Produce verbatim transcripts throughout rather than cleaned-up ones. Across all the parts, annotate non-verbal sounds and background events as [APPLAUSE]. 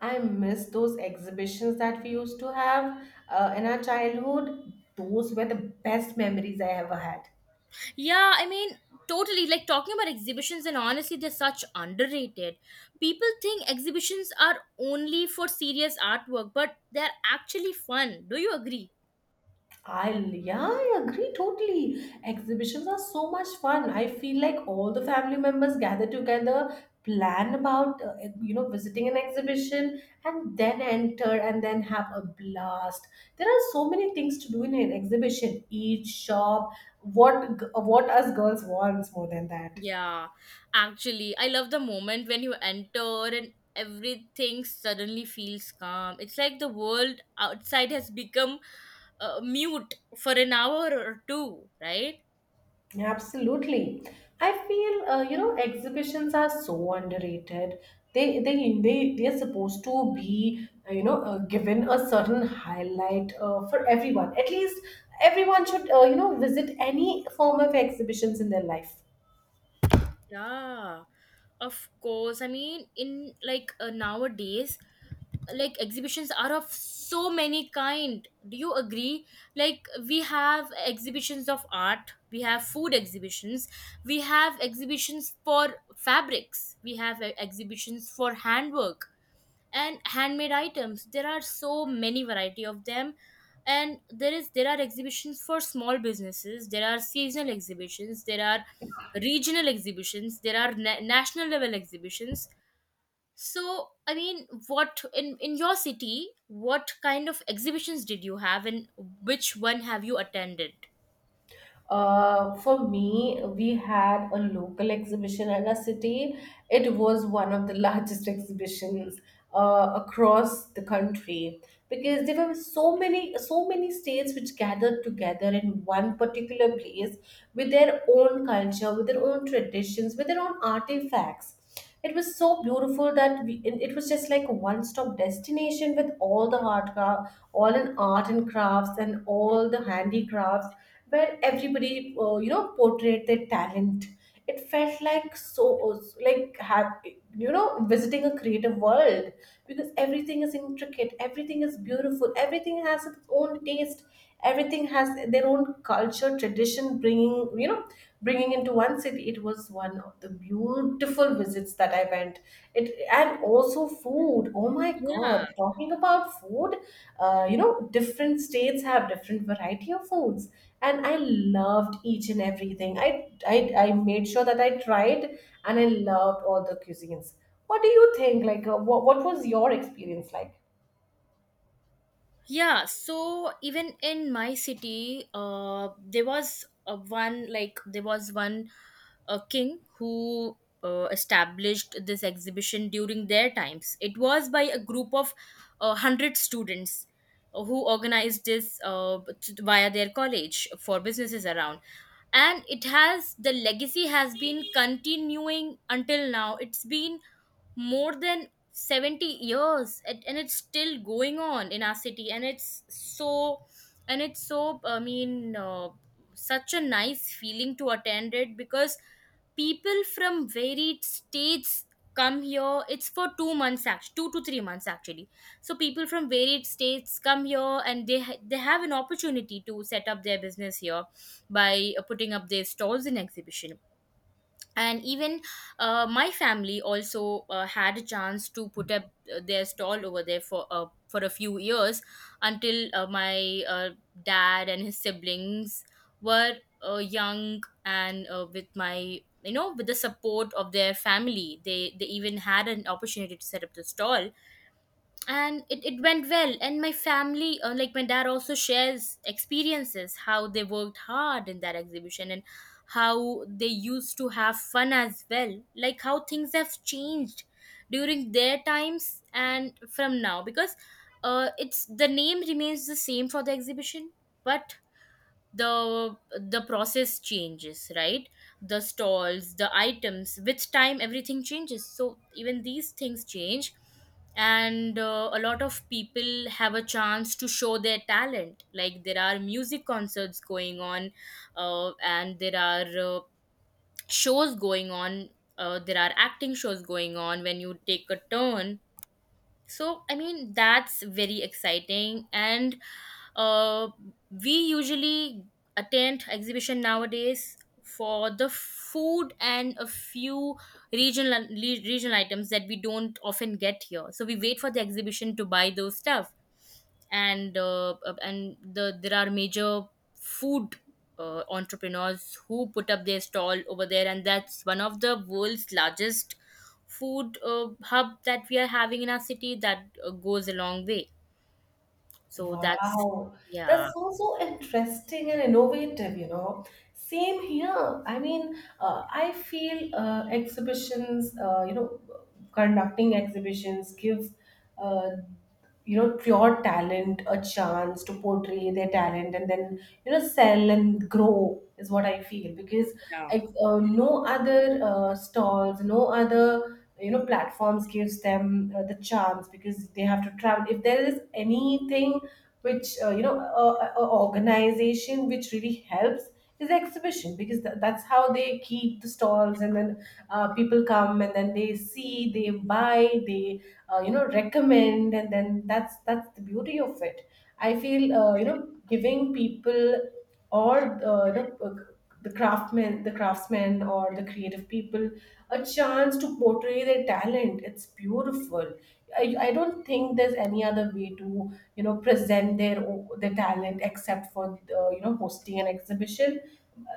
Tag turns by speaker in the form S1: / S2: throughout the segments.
S1: I miss those exhibitions that we used to have uh, in our childhood. Those were the best memories I ever had.
S2: Yeah, I mean, totally. Like talking about exhibitions, and honestly, they're such underrated. People think exhibitions are only for serious artwork, but they're actually fun. Do you agree?
S1: I yeah, I agree totally. Exhibitions are so much fun. I feel like all the family members gather together, plan about uh, you know visiting an exhibition, and then enter and then have a blast. There are so many things to do in an exhibition. Eat, shop, what g- what us girls wants more than that.
S2: Yeah, actually, I love the moment when you enter and everything suddenly feels calm. It's like the world outside has become uh, mute for an hour or two, right?
S1: Absolutely. I feel, uh, you know, exhibitions are so underrated. They, they, they, they're supposed to be, uh, you know, uh, given a certain highlight uh, for everyone. At least everyone should, uh, you know, visit any form of exhibitions in their life.
S2: Yeah, of course. I mean, in like uh, nowadays, like exhibitions are of so many kind. Do you agree? Like we have exhibitions of art, we have food exhibitions, we have exhibitions for fabrics, we have uh, exhibitions for handwork, and handmade items. There are so many variety of them, and there is there are exhibitions for small businesses, there are seasonal exhibitions, there are regional exhibitions, there are na- national level exhibitions. So I mean, what, in in your city, what kind of exhibitions did you have, and which one have you attended?
S1: Uh, for me, we had a local exhibition in our city. It was one of the [LAUGHS] largest exhibitions uh, across the country, because there were so many, so many states which gathered together in one particular place with their own culture, with their own traditions, with their own artifacts. It was so beautiful that we, it it was just like a one-stop destination with all the art, cra- all in art and crafts and all the handicrafts, where everybody, uh, you know, portrayed their talent. It felt like so, like have, you know, visiting a creative world, because everything is intricate, everything is beautiful, everything has its own taste, everything has their own culture, tradition, bringing you know bringing into one city. It was one of the beautiful visits that I went. It and also food. Oh my
S2: Yeah
S1: god, talking about food, uh, you know different states have different variety of foods, and I loved each and everything. i i, I made sure that I tried, and I loved all the cuisines. What do you think? Like uh, what, what was your experience like?
S2: Yeah, so even in my city, uh, there was a one, like there was one uh, king who uh, established this exhibition during their times. It was by a group of uh, hundred students uh, who organized this uh, t- via their college for businesses around, and it has, the legacy has been continuing until now. It's been more than seventy years, and and it's still going on in our city, and it's so, and it's so, I mean, uh, such a nice feeling to attend it because people from varied states come here. It's for two months actually, two to three months actually. So people from varied states come here, and they ha- they have an opportunity to set up their business here by uh, putting up their stalls in exhibition. And even uh, my family also uh, had a chance to put up uh, their stall over there for uh, for a few years, until uh, my uh, dad and his siblings were uh, young, and uh, with my, you know, with the support of their family, they they even had an opportunity to set up the stall. And it, it went well, and my family, uh, like my dad, also shares experiences how they worked hard in that exhibition, and how they used to have fun as well, like how things have changed during their times and from now, because uh, it's, the name remains the same for the exhibition, but the the process changes, right? The stalls, the items, with time everything changes, so even these things change. And uh, a lot of people have a chance to show their talent, like there are music concerts going on, uh, and there are uh, shows going on, uh, there are acting shows going on when you take a turn. So I mean, that's very exciting. And uh, we usually attend exhibition nowadays for the food and a few regional le- regional items that we don't often get here, so we wait for the exhibition to buy those stuff. And uh, uh, and the, there are major food uh, entrepreneurs who put up their stall over there, and that's one of the world's largest food uh, hub that we are having in our city, that uh, goes a long way. So that's,
S1: Wow,
S2: yeah.
S1: that's so so interesting and innovative, you know. Same here. I mean, uh, I feel uh, exhibitions, uh, you know, conducting exhibitions gives, uh, you know, pure talent a chance to portray their talent, and then, you know, sell and grow is what I feel, because
S2: Yeah.
S1: ex- uh, no other uh, stalls, no other, you know, platforms gives them uh, the chance, because they have to travel if there is anything which, uh, you know a, a a organization which really helps is the exhibition, because tha- that's how they keep the stalls, and then uh, people come and then they see, they buy, they uh, you know recommend, and then that's that's the beauty of it. I feel, uh, you know giving people, or uh, you know uh, the craftsmen, the craftsmen or the creative people, a chance to portray their talent, it's beautiful. I, I don't think there's any other way to, you know, present their o- their talent, except for, the, you know, hosting an exhibition.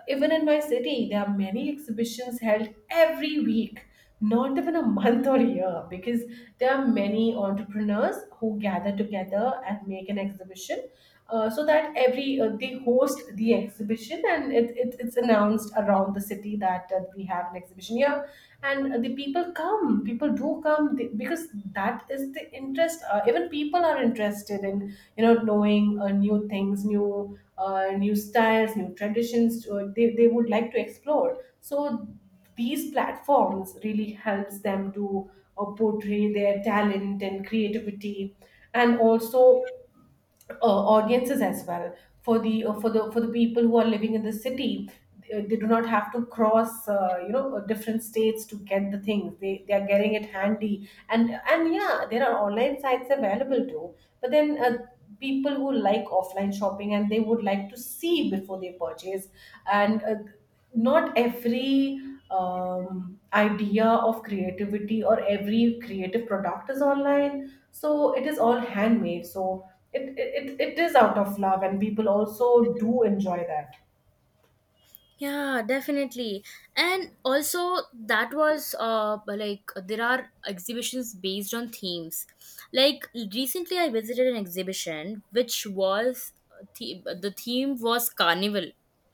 S1: Even in my city there are many exhibitions held every week, not even a month or year, because there are many entrepreneurs who gather together and make an exhibition. Uh, so that every, uh, they host the exhibition, and it, it, it's announced around the city that, uh, we have an exhibition here, and the people come, people do come, they, because that is the interest. Uh, even people are interested in, you know, knowing uh, new things, new uh, new styles, new traditions. Uh, they, they would like to explore, so these platforms really helps them to uh, portray their talent and creativity, and also uh, audiences as well, for the uh, for the for the people who are living in the city. Uh, they do not have to cross, uh, you know uh, different states to get the things. They they are getting it handy, and and yeah, there are online sites available too, but then uh, people who like offline shopping, and they would like to see before they purchase, and uh, not every um, idea of creativity or every creative product is online, so it is all handmade, so it, it, it it is out of love, and people also do enjoy that.
S2: Yeah, definitely. And also, that was uh, like, there are exhibitions based on themes. Like recently, I visited an exhibition which was uh, the, the theme was carnival,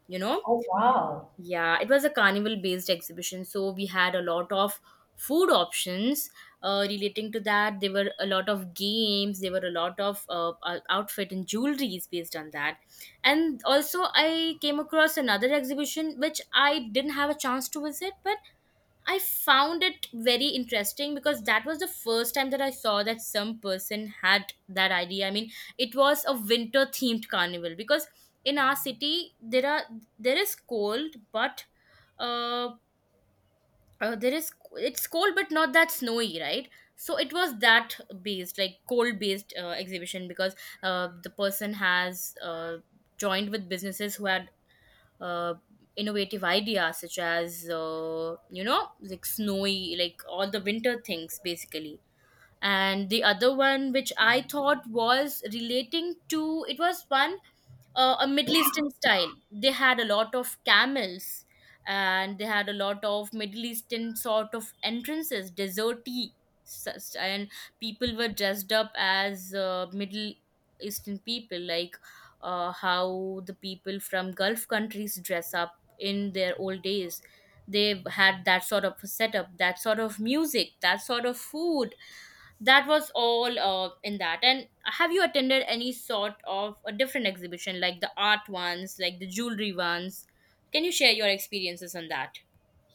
S2: you know?
S1: Oh wow.
S2: Yeah, it was a carnival based exhibition, so we had a lot of food options uh, relating to that. There were a lot of games, there were a lot of uh, ou- outfit and jewelries based on that. And also, I came across another exhibition which I didn't have a chance to visit, but I found it very interesting because that was the first time that I saw that some person had that idea. I mean, it was a winter themed carnival because in our city there are, there is cold, but uh, uh there is, it's cold but not that snowy, right? So it was that based, like cold based uh, exhibition because uh, the person has uh, joined with businesses who are uh, innovative ideas, such as uh, you know, like snowy, like all the winter things basically. And the other one which I thought was relating to it was one uh, a Middle Eastern style. They had a lot of camels, and they had a lot of Middle Eastern sort of entrances, deserty, sus- and people were dressed up as uh, Middle Eastern people, like uh, how the people from Gulf countries dress up in their old days. They had that sort of a setup, that sort of music, that sort of food, that was all uh, in that. And have you attended any sort of a different exhibition, like the art ones, like the jewelry ones? Can you share your experiences on that?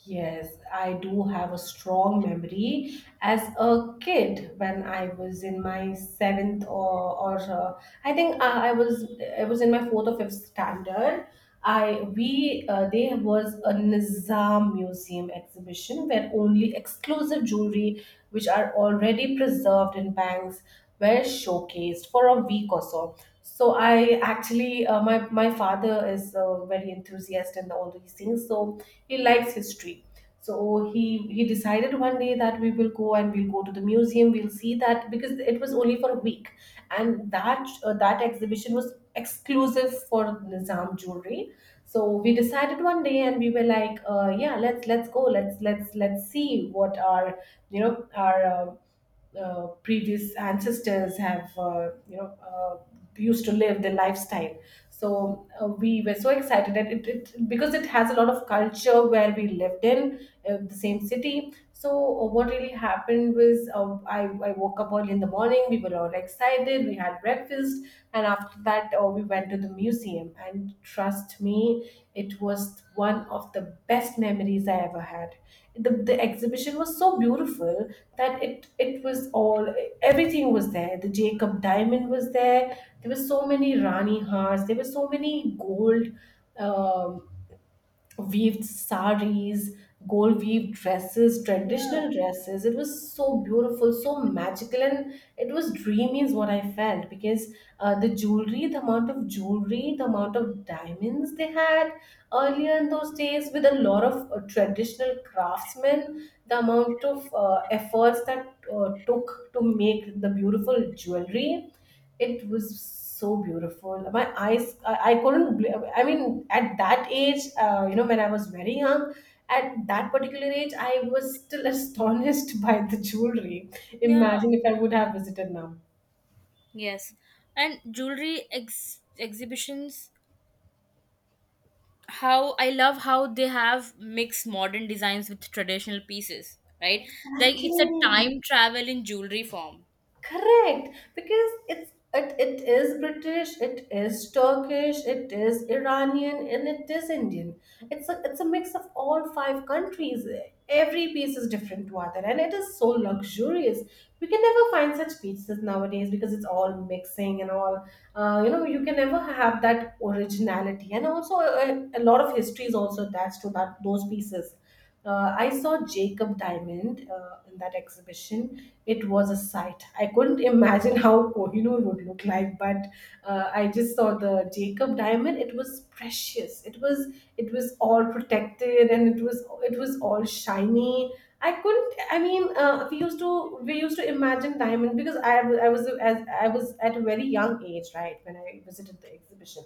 S1: Yes, I do have a strong memory as a kid when I was in my seventh, or, or, uh, I think I, I was, I was in my fourth or fifth standard. I we uh, There was a Nizam Museum exhibition where only exclusive jewelry which are already preserved in banks were showcased for a week or so. So I actually, uh, my my father is, uh, very enthusiastic in all these things. So he likes history. So he he decided one day that we will go, and we'll go to the museum. We'll see that because it was only for a week, and that uh, that exhibition was exclusive for Nizam jewelry. So we decided one day, and we were like, uh, yeah, let's let's go, let's let's let's see what our, you know, our, uh, uh, previous ancestors have, uh, you know uh, used to live their lifestyle. So uh, we were so excited, and it, it, because it has a lot of culture where we lived in, uh, the same city. So uh, what really happened was, uh, I, I woke up early in the morning, we were all excited, we had breakfast, and after that uh, we went to the museum, and trust me, it was one of the best memories I ever had. The, the exhibition was so beautiful that it it was all, everything was there. The Jacob diamond was there. There were so many Rani hearts. There were so many gold um, weaved saris, gold weaved dresses,
S2: Yeah,
S1: traditional dresses. It was so beautiful, so magical, and it was dreamy, is what I felt. Because uh, the jewelry, the amount of jewelry, the amount of diamonds they had earlier in those days, with a lot of uh, traditional craftsmen, the amount of uh, efforts that uh, took to make the beautiful jewelry, it was so beautiful. My eyes, I, I couldn't, bl- I mean, at that age, uh, you know, when I was very young, at that particular age, I was still astonished [LAUGHS] by the jewelry.
S2: yeah.
S1: Imagine if I would have visited now.
S2: Yes. And jewelry ex- exhibitions, how I love how they have mixed modern designs with traditional pieces, right? Like,
S1: Exactly.
S2: it's a time travel in jewelry form.
S1: Correct, because it's it, it is British, it is Turkish, it is Iranian, and it is Indian. It's a it's a mix of all five countries. Every piece is different to other, and it is so luxurious. We can never find such pizzas nowadays because it's all mixing and all. Uh, you know, you can never have that originality, and also a, a lot of history is also attached to that, those pieces. Uh, I saw Jacob Diamond uh, in that exhibition. It was a sight. I couldn't [LAUGHS] imagine how Kohinoor would look like, but uh, I just saw the Jacob Diamond. It was precious. It was it was all protected, and it was it was all shiny. I couldn't. I mean, uh, we used to we used to imagine diamond, because I, w- I was, as I was at a very young age, right, when I visited the exhibition.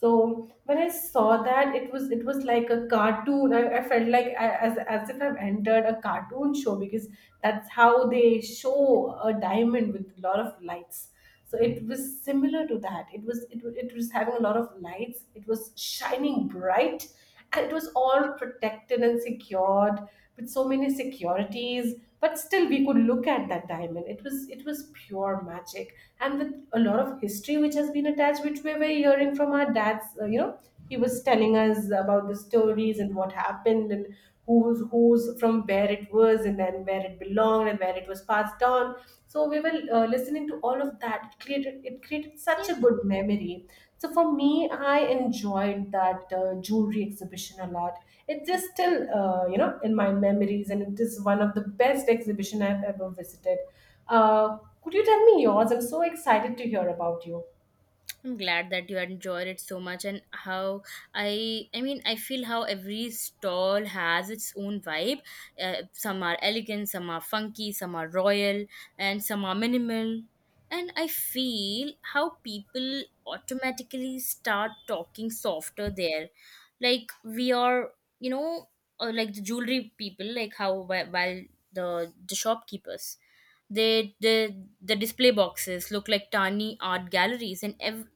S1: So when I saw that, it was it was like a cartoon. I, I felt like I, as as if I've entered a cartoon show, because that's how they show a diamond with a lot of lights. So it was similar to that. It was it, wa- it was having a lot of lights. It was shining bright, and it was all protected and secured with so many securities, but still we could look at that diamond. It was it was pure magic, and with a lot of history which has been attached, which we were hearing from our dads. Uh, you know he was telling us about the stories and what happened, and who's who's from where it was, and then where it belonged, and where it was passed on. So we were uh, listening to all of that. It created it created such a
S2: Yeah.
S1: good memory. So for me, I enjoyed that uh, jewelry exhibition a lot. It is still, uh, you know, in my memories, and it is one of the best exhibition I've ever visited. Uh, could you tell me yours? I'm so excited to hear about you.
S2: I'm glad that you enjoyed it so much. And how, I I mean, I feel how every stall has its own vibe. Uh, some are elegant, some are funky, some are royal, and some are minimal. And I feel how people automatically start talking softer there. Like we are, you know, uh, like the jewelry people, like how wh- while the the shopkeepers, they, the the display boxes look like tiny art galleries. And ev-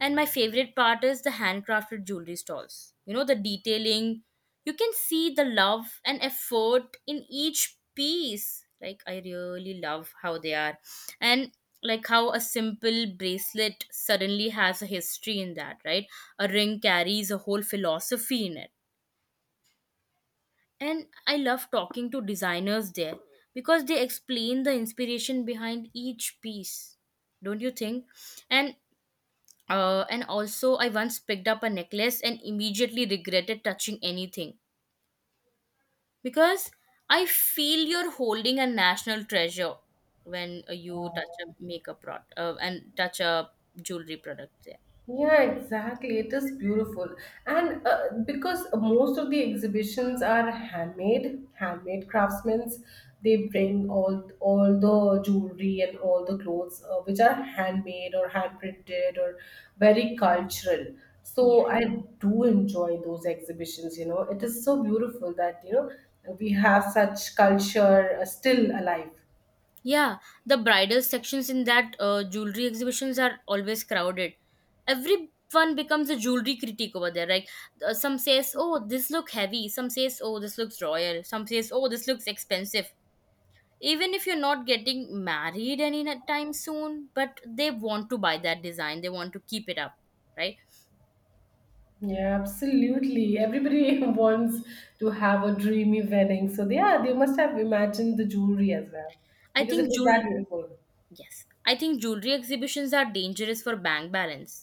S2: and my favorite part is the handcrafted jewelry stalls. You know, the detailing. You can see the love and effort in each piece. Like, I really love how they are. And like how a simple bracelet suddenly has a history in that, right? A ring carries a whole philosophy in it. And I love talking to designers there because they explain the inspiration behind each piece. Don't you think? And uh, and also, I once picked up a necklace and immediately regretted touching anything because I feel you're holding a national treasure when uh, you touch a makeup product uh, and touch a jewelry product there.
S1: Yeah, exactly. It is beautiful. And uh, because most of the exhibitions are handmade, handmade craftsmen, they bring all all the jewelry and all the clothes uh, which are handmade or hand printed or very cultural.
S2: Yeah.
S1: So I do enjoy those exhibitions, you know. It is so beautiful that, you know, we have such culture uh, still alive.
S2: Yeah, the bridal sections in that uh, jewelry exhibitions are always crowded. Everyone becomes a jewelry critic over there. Like uh, some says, "Oh, this look heavy." Some says, "Oh, this looks royal." Some says, "Oh, this looks expensive." Even if you're not getting married anytime soon, but they want to buy that design, they want to keep it up, right?
S1: Yeah, absolutely. Everybody [LAUGHS] wants to have a dreamy wedding. So yeah, they must have imagined the jewelry as well,
S2: I
S1: because
S2: think
S1: it was
S2: jewel
S1: that beautiful.
S2: Yes, I think jewelry exhibitions are dangerous for bank balance.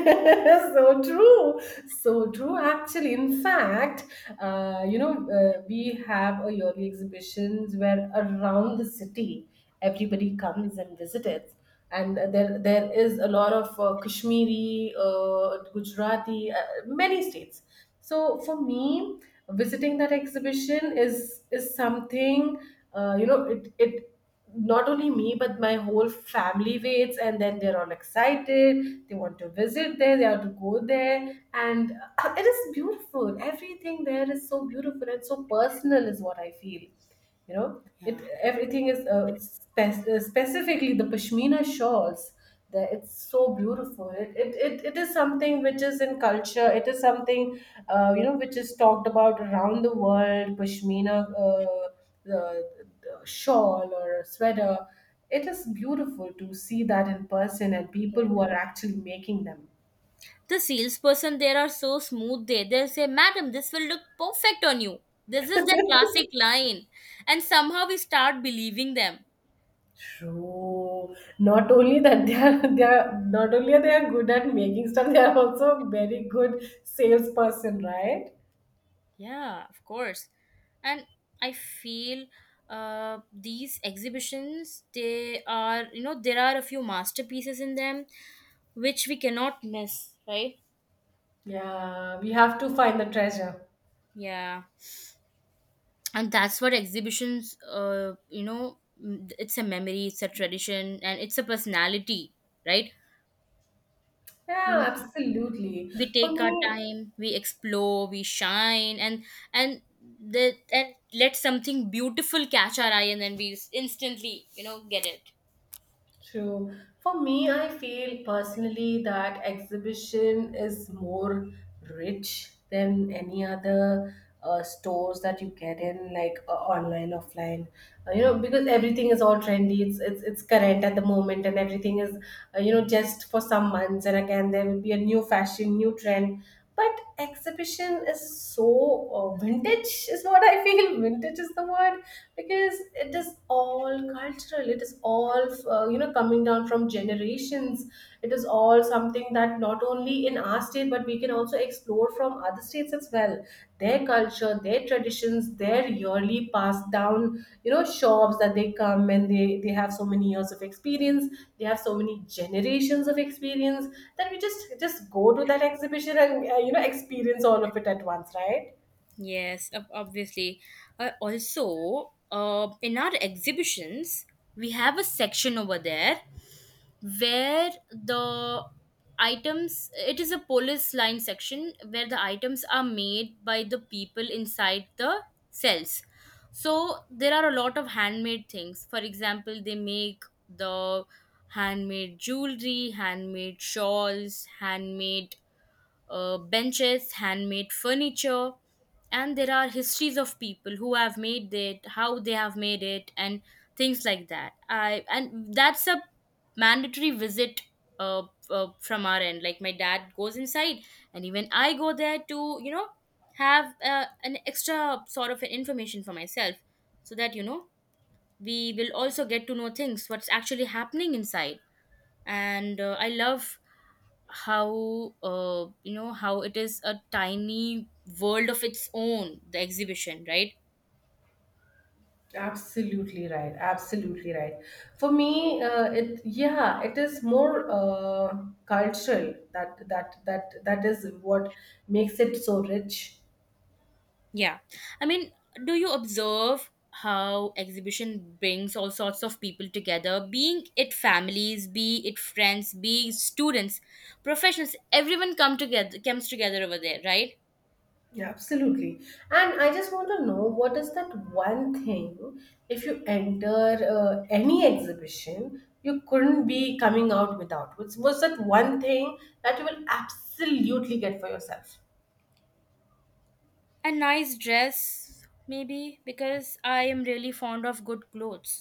S1: [LAUGHS] So true, so true actually in fact, uh, you know uh, we have a yearly exhibitions where around the city everybody comes and visits. And there there is a lot of uh, kashmiri, uh, gujarati, uh, many states. So for me, visiting that exhibition is is something. Uh, you know it it Not only me, but my whole family waits, and then they're all excited, they want to visit there, they have to go there. And [CLEARS THROAT] uh, it is beautiful. Everything there is so beautiful and so personal, is what I feel. You know it,
S2: Yeah.
S1: everything is uh, spe- uh, specifically the pashmina shawls, that it's so beautiful. It, it it it is something which is in culture. It is something uh, you know, which is talked about around the world, pashmina. uh, the, the shawl or a sweater, it is beautiful to see that in person and people who are actually making them.
S2: The salesperson there are so smooth, they they'll say, "Madam, this will look perfect on you." This is the classic line, and somehow we start believing them.
S1: True. Not only that they are [LAUGHS] they are not only are they are good at making stuff, they are also very good salesperson, right?
S2: Yeah, of course. And I feel uh, these exhibitions, they are, you know, there are a few masterpieces in them which we cannot miss, right?
S1: Yeah, we have to find the treasure.
S2: Yeah. And that's what exhibitions, uh, you know, m- it's a memory, it's a tradition, and it's a personality, right?
S1: Yeah,
S2: We,
S1: absolutely.
S2: we
S1: For
S2: take our
S1: me,
S2: time, we explore, we shine, and and the, and let something beautiful catch our eye, and then we instantly, you know, get it.
S1: true. For me, I feel personally that exhibition is more rich than any other uh, stores that you get in, like uh, online, offline. Uh, you know, because everything is all trendy. It's it's it's current at the moment, and everything is uh, you know, just for some months, and again there will be a new fashion, new trend. But exhibition is so uh, vintage, is what I feel. [LAUGHS] Vintage is the word, because it is all cultural, it is all uh, you know, coming down from generations. It is all something that not only in our state, but we can also explore from other states as well, their culture, their traditions, their yearly passed down, you know, shops that they come, and they they have so many years of experience, they have so many generations of experience, that we just just go to that exhibition and uh, you know, experience all of it at once, right?
S2: Yes, ob- obviously. Uh, also, uh, in our exhibitions, we have a section over there where the items, it is a police line section where the items are made by the people inside the cells. So, there are a lot of handmade things. For example, they make the handmade jewelry, handmade shawls, handmade uh, benches, handmade furniture, and there are histories of people who have made it, how they have made it, and things like that. I, and that's a mandatory visit uh, uh, from our end. Like my dad goes inside, and even I go there to, you know, have uh, an extra sort of information for myself, so that, you know, we will also get to know things, what's actually happening inside. And uh, I love how, uh, you know, how it is a tiny world of its own, the exhibition, right?
S1: Absolutely right. Absolutely right. For me, uh, it yeah, it is more uh, cultural, that that that that is what makes it so rich.
S2: Yeah, I mean, do you observe how exhibition brings all sorts of people together, being it families, be it friends, be it students, professionals? Everyone come together, comes together over there, right?
S1: Yeah, absolutely. And I just want to know, what is that one thing, if you enter uh, any exhibition, you couldn't be coming out without. What's what's that one thing that you will absolutely get for yourself?
S2: A nice dress maybe, because I am really fond of good clothes,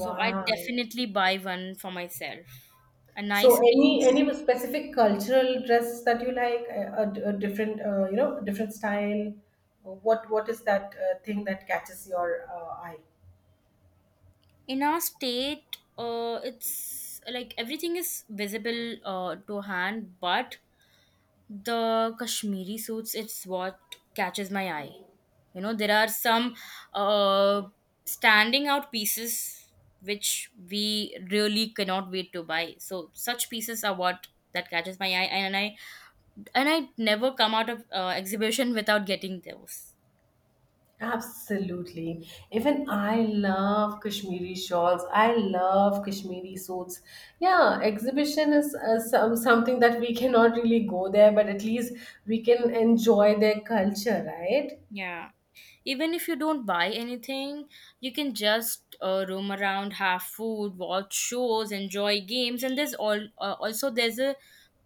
S2: so I definitely buy one for myself. A
S1: So
S2: nice
S1: any
S2: piece.
S1: any specific cultural dress that you like, a, a, a different uh, you know, different style? What what is that uh, thing that catches your uh, eye?
S2: In our state, uh, it's like everything is visible uh, to hand, but the Kashmiri suits, it's what catches my eye. You know, there are some uh, standing out pieces which we really cannot wait to buy. So such pieces are what, that catches my eye, and i and i never come out of uh, exhibition without getting those.
S1: Absolutely. Even I love Kashmiri shawls. I love Kashmiri suits. Yeah, exhibition is uh, some, something that we cannot really go there, but at least we can enjoy their culture, right?
S2: Yeah. Even if you don't buy anything, you can just uh, roam around, have food, watch shows, enjoy games, and there's all, uh, also there's a,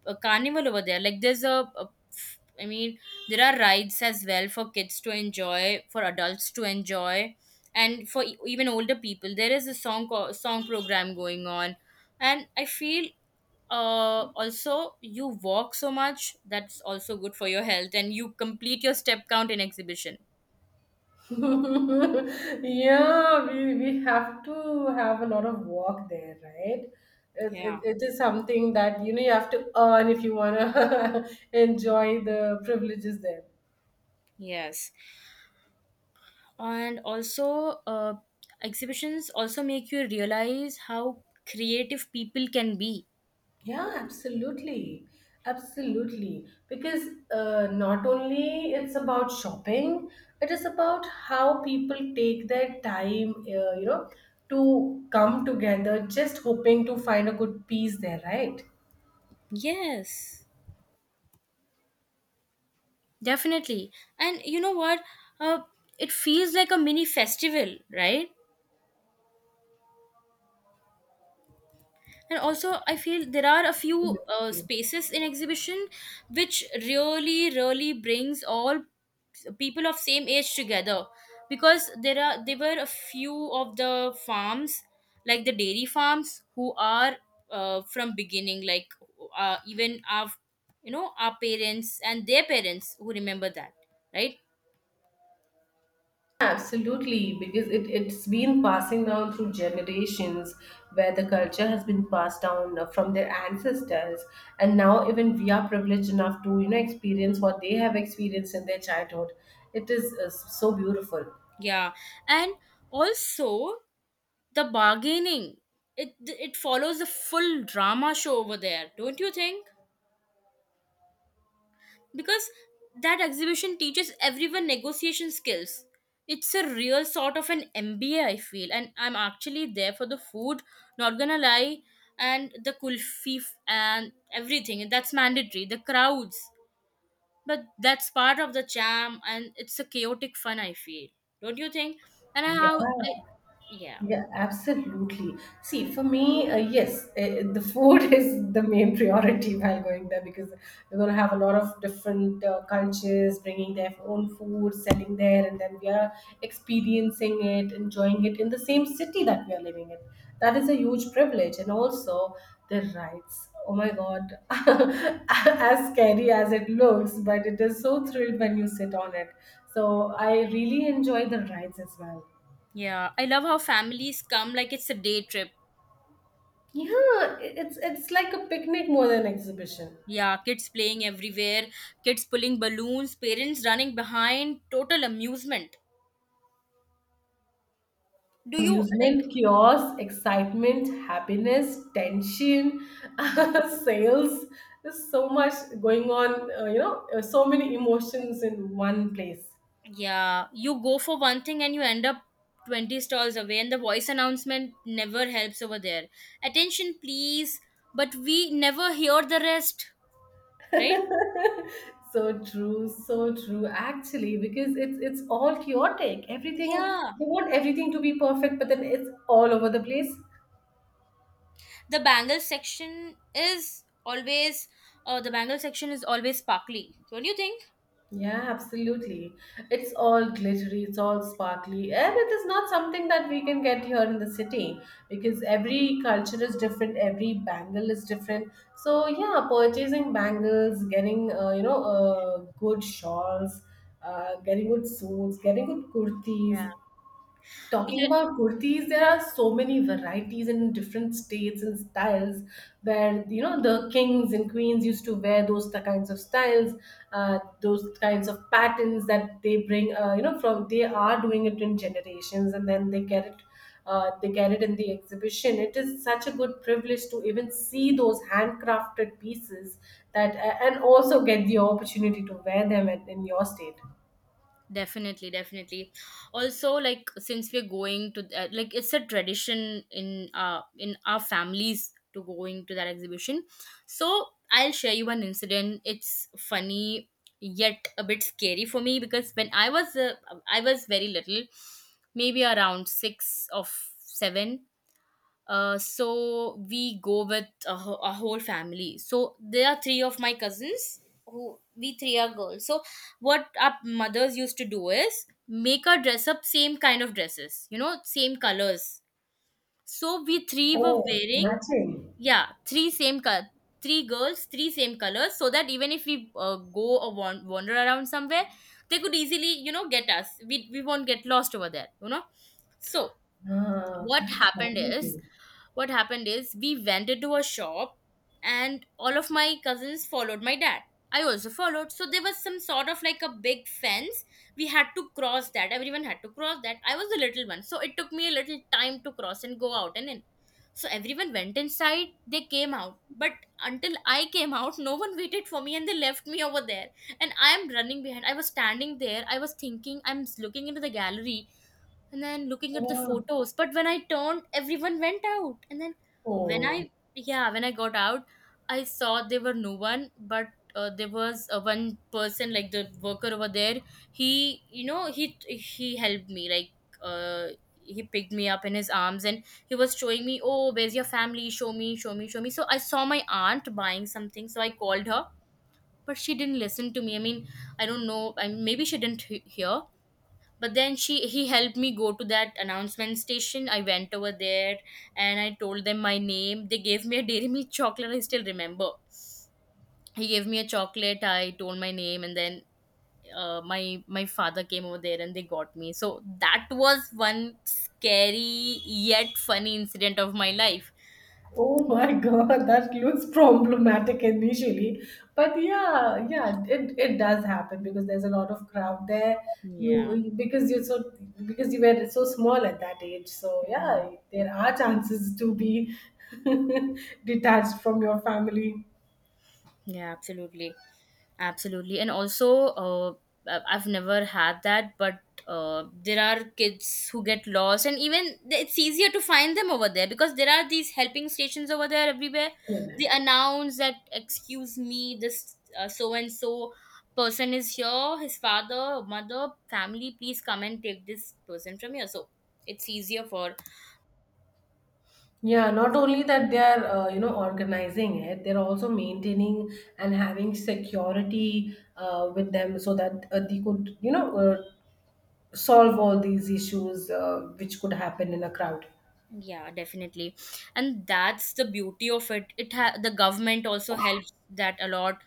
S2: a carnival over there. Like there's a, a f- I mean, there are rides as well for kids to enjoy, for adults to enjoy, and for e- even older people. There is a song co- song program going on, and I feel uh also you walk so much that's also good for your health, and you complete your step count in exhibition.
S1: [LAUGHS] Yeah, we, we have to have a lot of work there, right? It, it,
S2: Yeah,
S1: it is something that, you know, you have to earn if you want to [LAUGHS] enjoy the privileges there.
S2: yes. And also, uh, exhibitions also make you realize how creative people can be.
S1: Yeah, absolutely. Absolutely. Because uh, not only it's about shopping, it is about how people take their time, uh, you know, to come together just hoping to find a good piece there, right?
S2: Yes, definitely. And you know what? Uh, it feels like a mini festival, right? And also I feel there are a few uh, spaces in exhibition which really, really brings all people of same age together, because there are there were a few of the farms, like the dairy farms, who are uh, from beginning, like uh, even our, you know, our parents and their parents who remember that, right?
S1: Absolutely, because it, it's been passing down through generations, where the culture has been passed down from their ancestors. And now, even we are privileged enough to, you know, experience what they have experienced in their childhood. It is uh, so beautiful.
S2: Yeah. And also the bargaining, it it follows a full drama show over there, don't you think? Because that exhibition teaches everyone negotiation skills. It's a real sort of an MBA, I feel, and I'm actually there for the food, not gonna lie. And the kulfi f- and everything that's mandatory, the crowds, but that's part of the jam, and it's a chaotic fun, I feel. Don't you think? And I- how
S1: Yeah,
S2: I yeah
S1: yeah, absolutely. See, for me, uh, yes, uh, the food [LAUGHS] is the main priority while going there, because we're going to have a lot of different uh, cultures bringing their own food, selling there, and then we are experiencing it, enjoying it in the same city that we are living in. That is a huge privilege. And also the rides. Oh my God. [LAUGHS] As scary as it looks, but it is so thrilled when you sit on it. So I really enjoy the rides as well.
S2: Yeah, I love how families come, like it's a day trip.
S1: Yeah, it's it's like a picnic more than exhibition.
S2: Yeah, kids playing everywhere, kids pulling balloons, parents running behind, total amusement. Do you like,
S1: Amusement, chaos, excitement, happiness, tension, [LAUGHS]
S2: mhm.
S1: sales. There's so much going on. Uh, you know, uh, so many emotions in one place.
S2: Yeah, you go for one thing and you end up twenty stalls away, and the voice announcement never helps over there. Attention, please, but we never hear the rest, right?
S1: [LAUGHS] So true, so true. Actually, because it's it's all chaotic. Everything,
S2: Yeah,
S1: they want everything to be perfect, but then it's all over the place.
S2: the bangle section is always, uh, the bangle section is always sparkly. Don't you think?
S1: Yeah, absolutely. It's all glittery, it's all sparkly, and it is not something that we can get here in the city, because every culture is different, every bangle is different. So yeah, purchasing bangles, getting uh, you know uh, good shawls, uh, getting good suits, getting good
S2: Yeah.
S1: kurtis. Talking
S2: Yeah,
S1: about kurtis, there are so many varieties in different states and styles. Where you know the kings and queens used to wear those, the kinds of styles, uh, those kinds of patterns that they bring. Uh, you know, from they are doing it in generations, and then they get it. Uh, they get it in the exhibition. It is such a good privilege to even see those handcrafted pieces that, and also get the opportunity to wear them in in your state.
S2: definitely, definitely. Also, like, since we're going to that, like, it's a tradition in uh in our families to going to that exhibition. So I'll share you an incident. It's funny yet a bit scary for me, because when I was uh, I was very little, maybe around six or seven. Uh, so we go with a, wh- a whole family. So there are three of my cousins, who, we three are girls. So what our mothers used to do is make our dress up same kind of dresses, you know, same colors. So we three were
S1: Oh,
S2: wearing,
S1: matching.
S2: yeah, three same color, three girls, three same colors, so that even if we uh, go or wan- wander around somewhere, they could easily, you know, get us. We, we won't get lost over there, you know. So
S1: Ah,
S2: what
S1: that's
S2: happened is
S1: lovely.
S2: what happened is we went into a shop, and all of my cousins followed my dad. I also followed. So there was some sort of like a big fence. We had to cross that. Everyone had to cross that. I was the little one, so it took me a little time to cross and go out and in. So everyone went inside, they came out, but until I came out, no one waited for me, and they left me over there. And I am running behind. I was standing there, I was thinking, I'm looking into the gallery and then looking at the
S1: Wow.
S2: photos, but when I turned, everyone went out. And then when
S1: Oh,
S2: I yeah, when I got out, I saw there were no one, but uh, there was uh, one person, like the worker over there. He, you know, he he helped me, like, uh, he picked me up in his arms, and he was showing me, oh, where's your family, show me, show me, show me. So I saw my aunt buying something, so I called her, but she didn't listen to me. I mean, I don't know, I maybe she didn't he- hear. But then she he helped me go to that announcement station. I went over there, and I told them my name. They gave me a dairy milk chocolate, I still remember. He gave me a chocolate, I told my name, and then uh, my my father came over there, and they got me. So that was one scary yet funny incident of my life.
S1: oh my [LAUGHS] God, that looks problematic initially. But yeah, yeah, it, it does happen because there's a lot of crowd there.
S2: Yeah.
S1: You because you're so Because you were so small at that age. So yeah, there are chances to be [LAUGHS] detached from your family.
S2: Yeah, absolutely. Absolutely. And also, uh, I- I've never had that, but uh, there are kids who get lost, and even th- it's easier to find them over there because there are these helping stations over there everywhere.
S1: Yeah.
S2: They announce that, excuse me, this uh, so and so person is here, his father, mother, family, please come and take this person from here. So it's easier for,
S1: Yeah, not only that they are, uh, you know, organizing it, they're also maintaining and having security uh, with them, so that uh, they could, you know, uh, solve all these issues uh, which could happen in a crowd.
S2: yeah, definitely. And that's the beauty of it. It ha- the government also helps that a lot.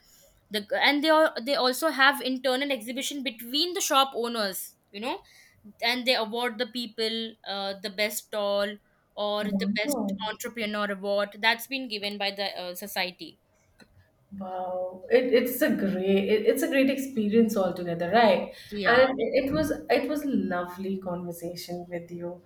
S2: The and they are they also have internal exhibition between the shop owners, you know, and they award the people uh, the best stall or the best
S1: Wow.
S2: entrepreneur award, that's been given by the uh, society.
S1: Wow, it, it's a great, it, it's a great experience altogether, right?
S2: Yeah,
S1: And
S2: de-
S1: it, was it was a lovely conversation with you.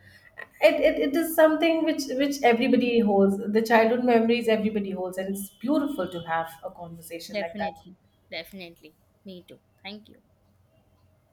S1: It, it it is something which which everybody holds. The childhood memories everybody holds, and it's beautiful to have a conversation like that.
S2: Definitely. Definitely. Me too. Thank you.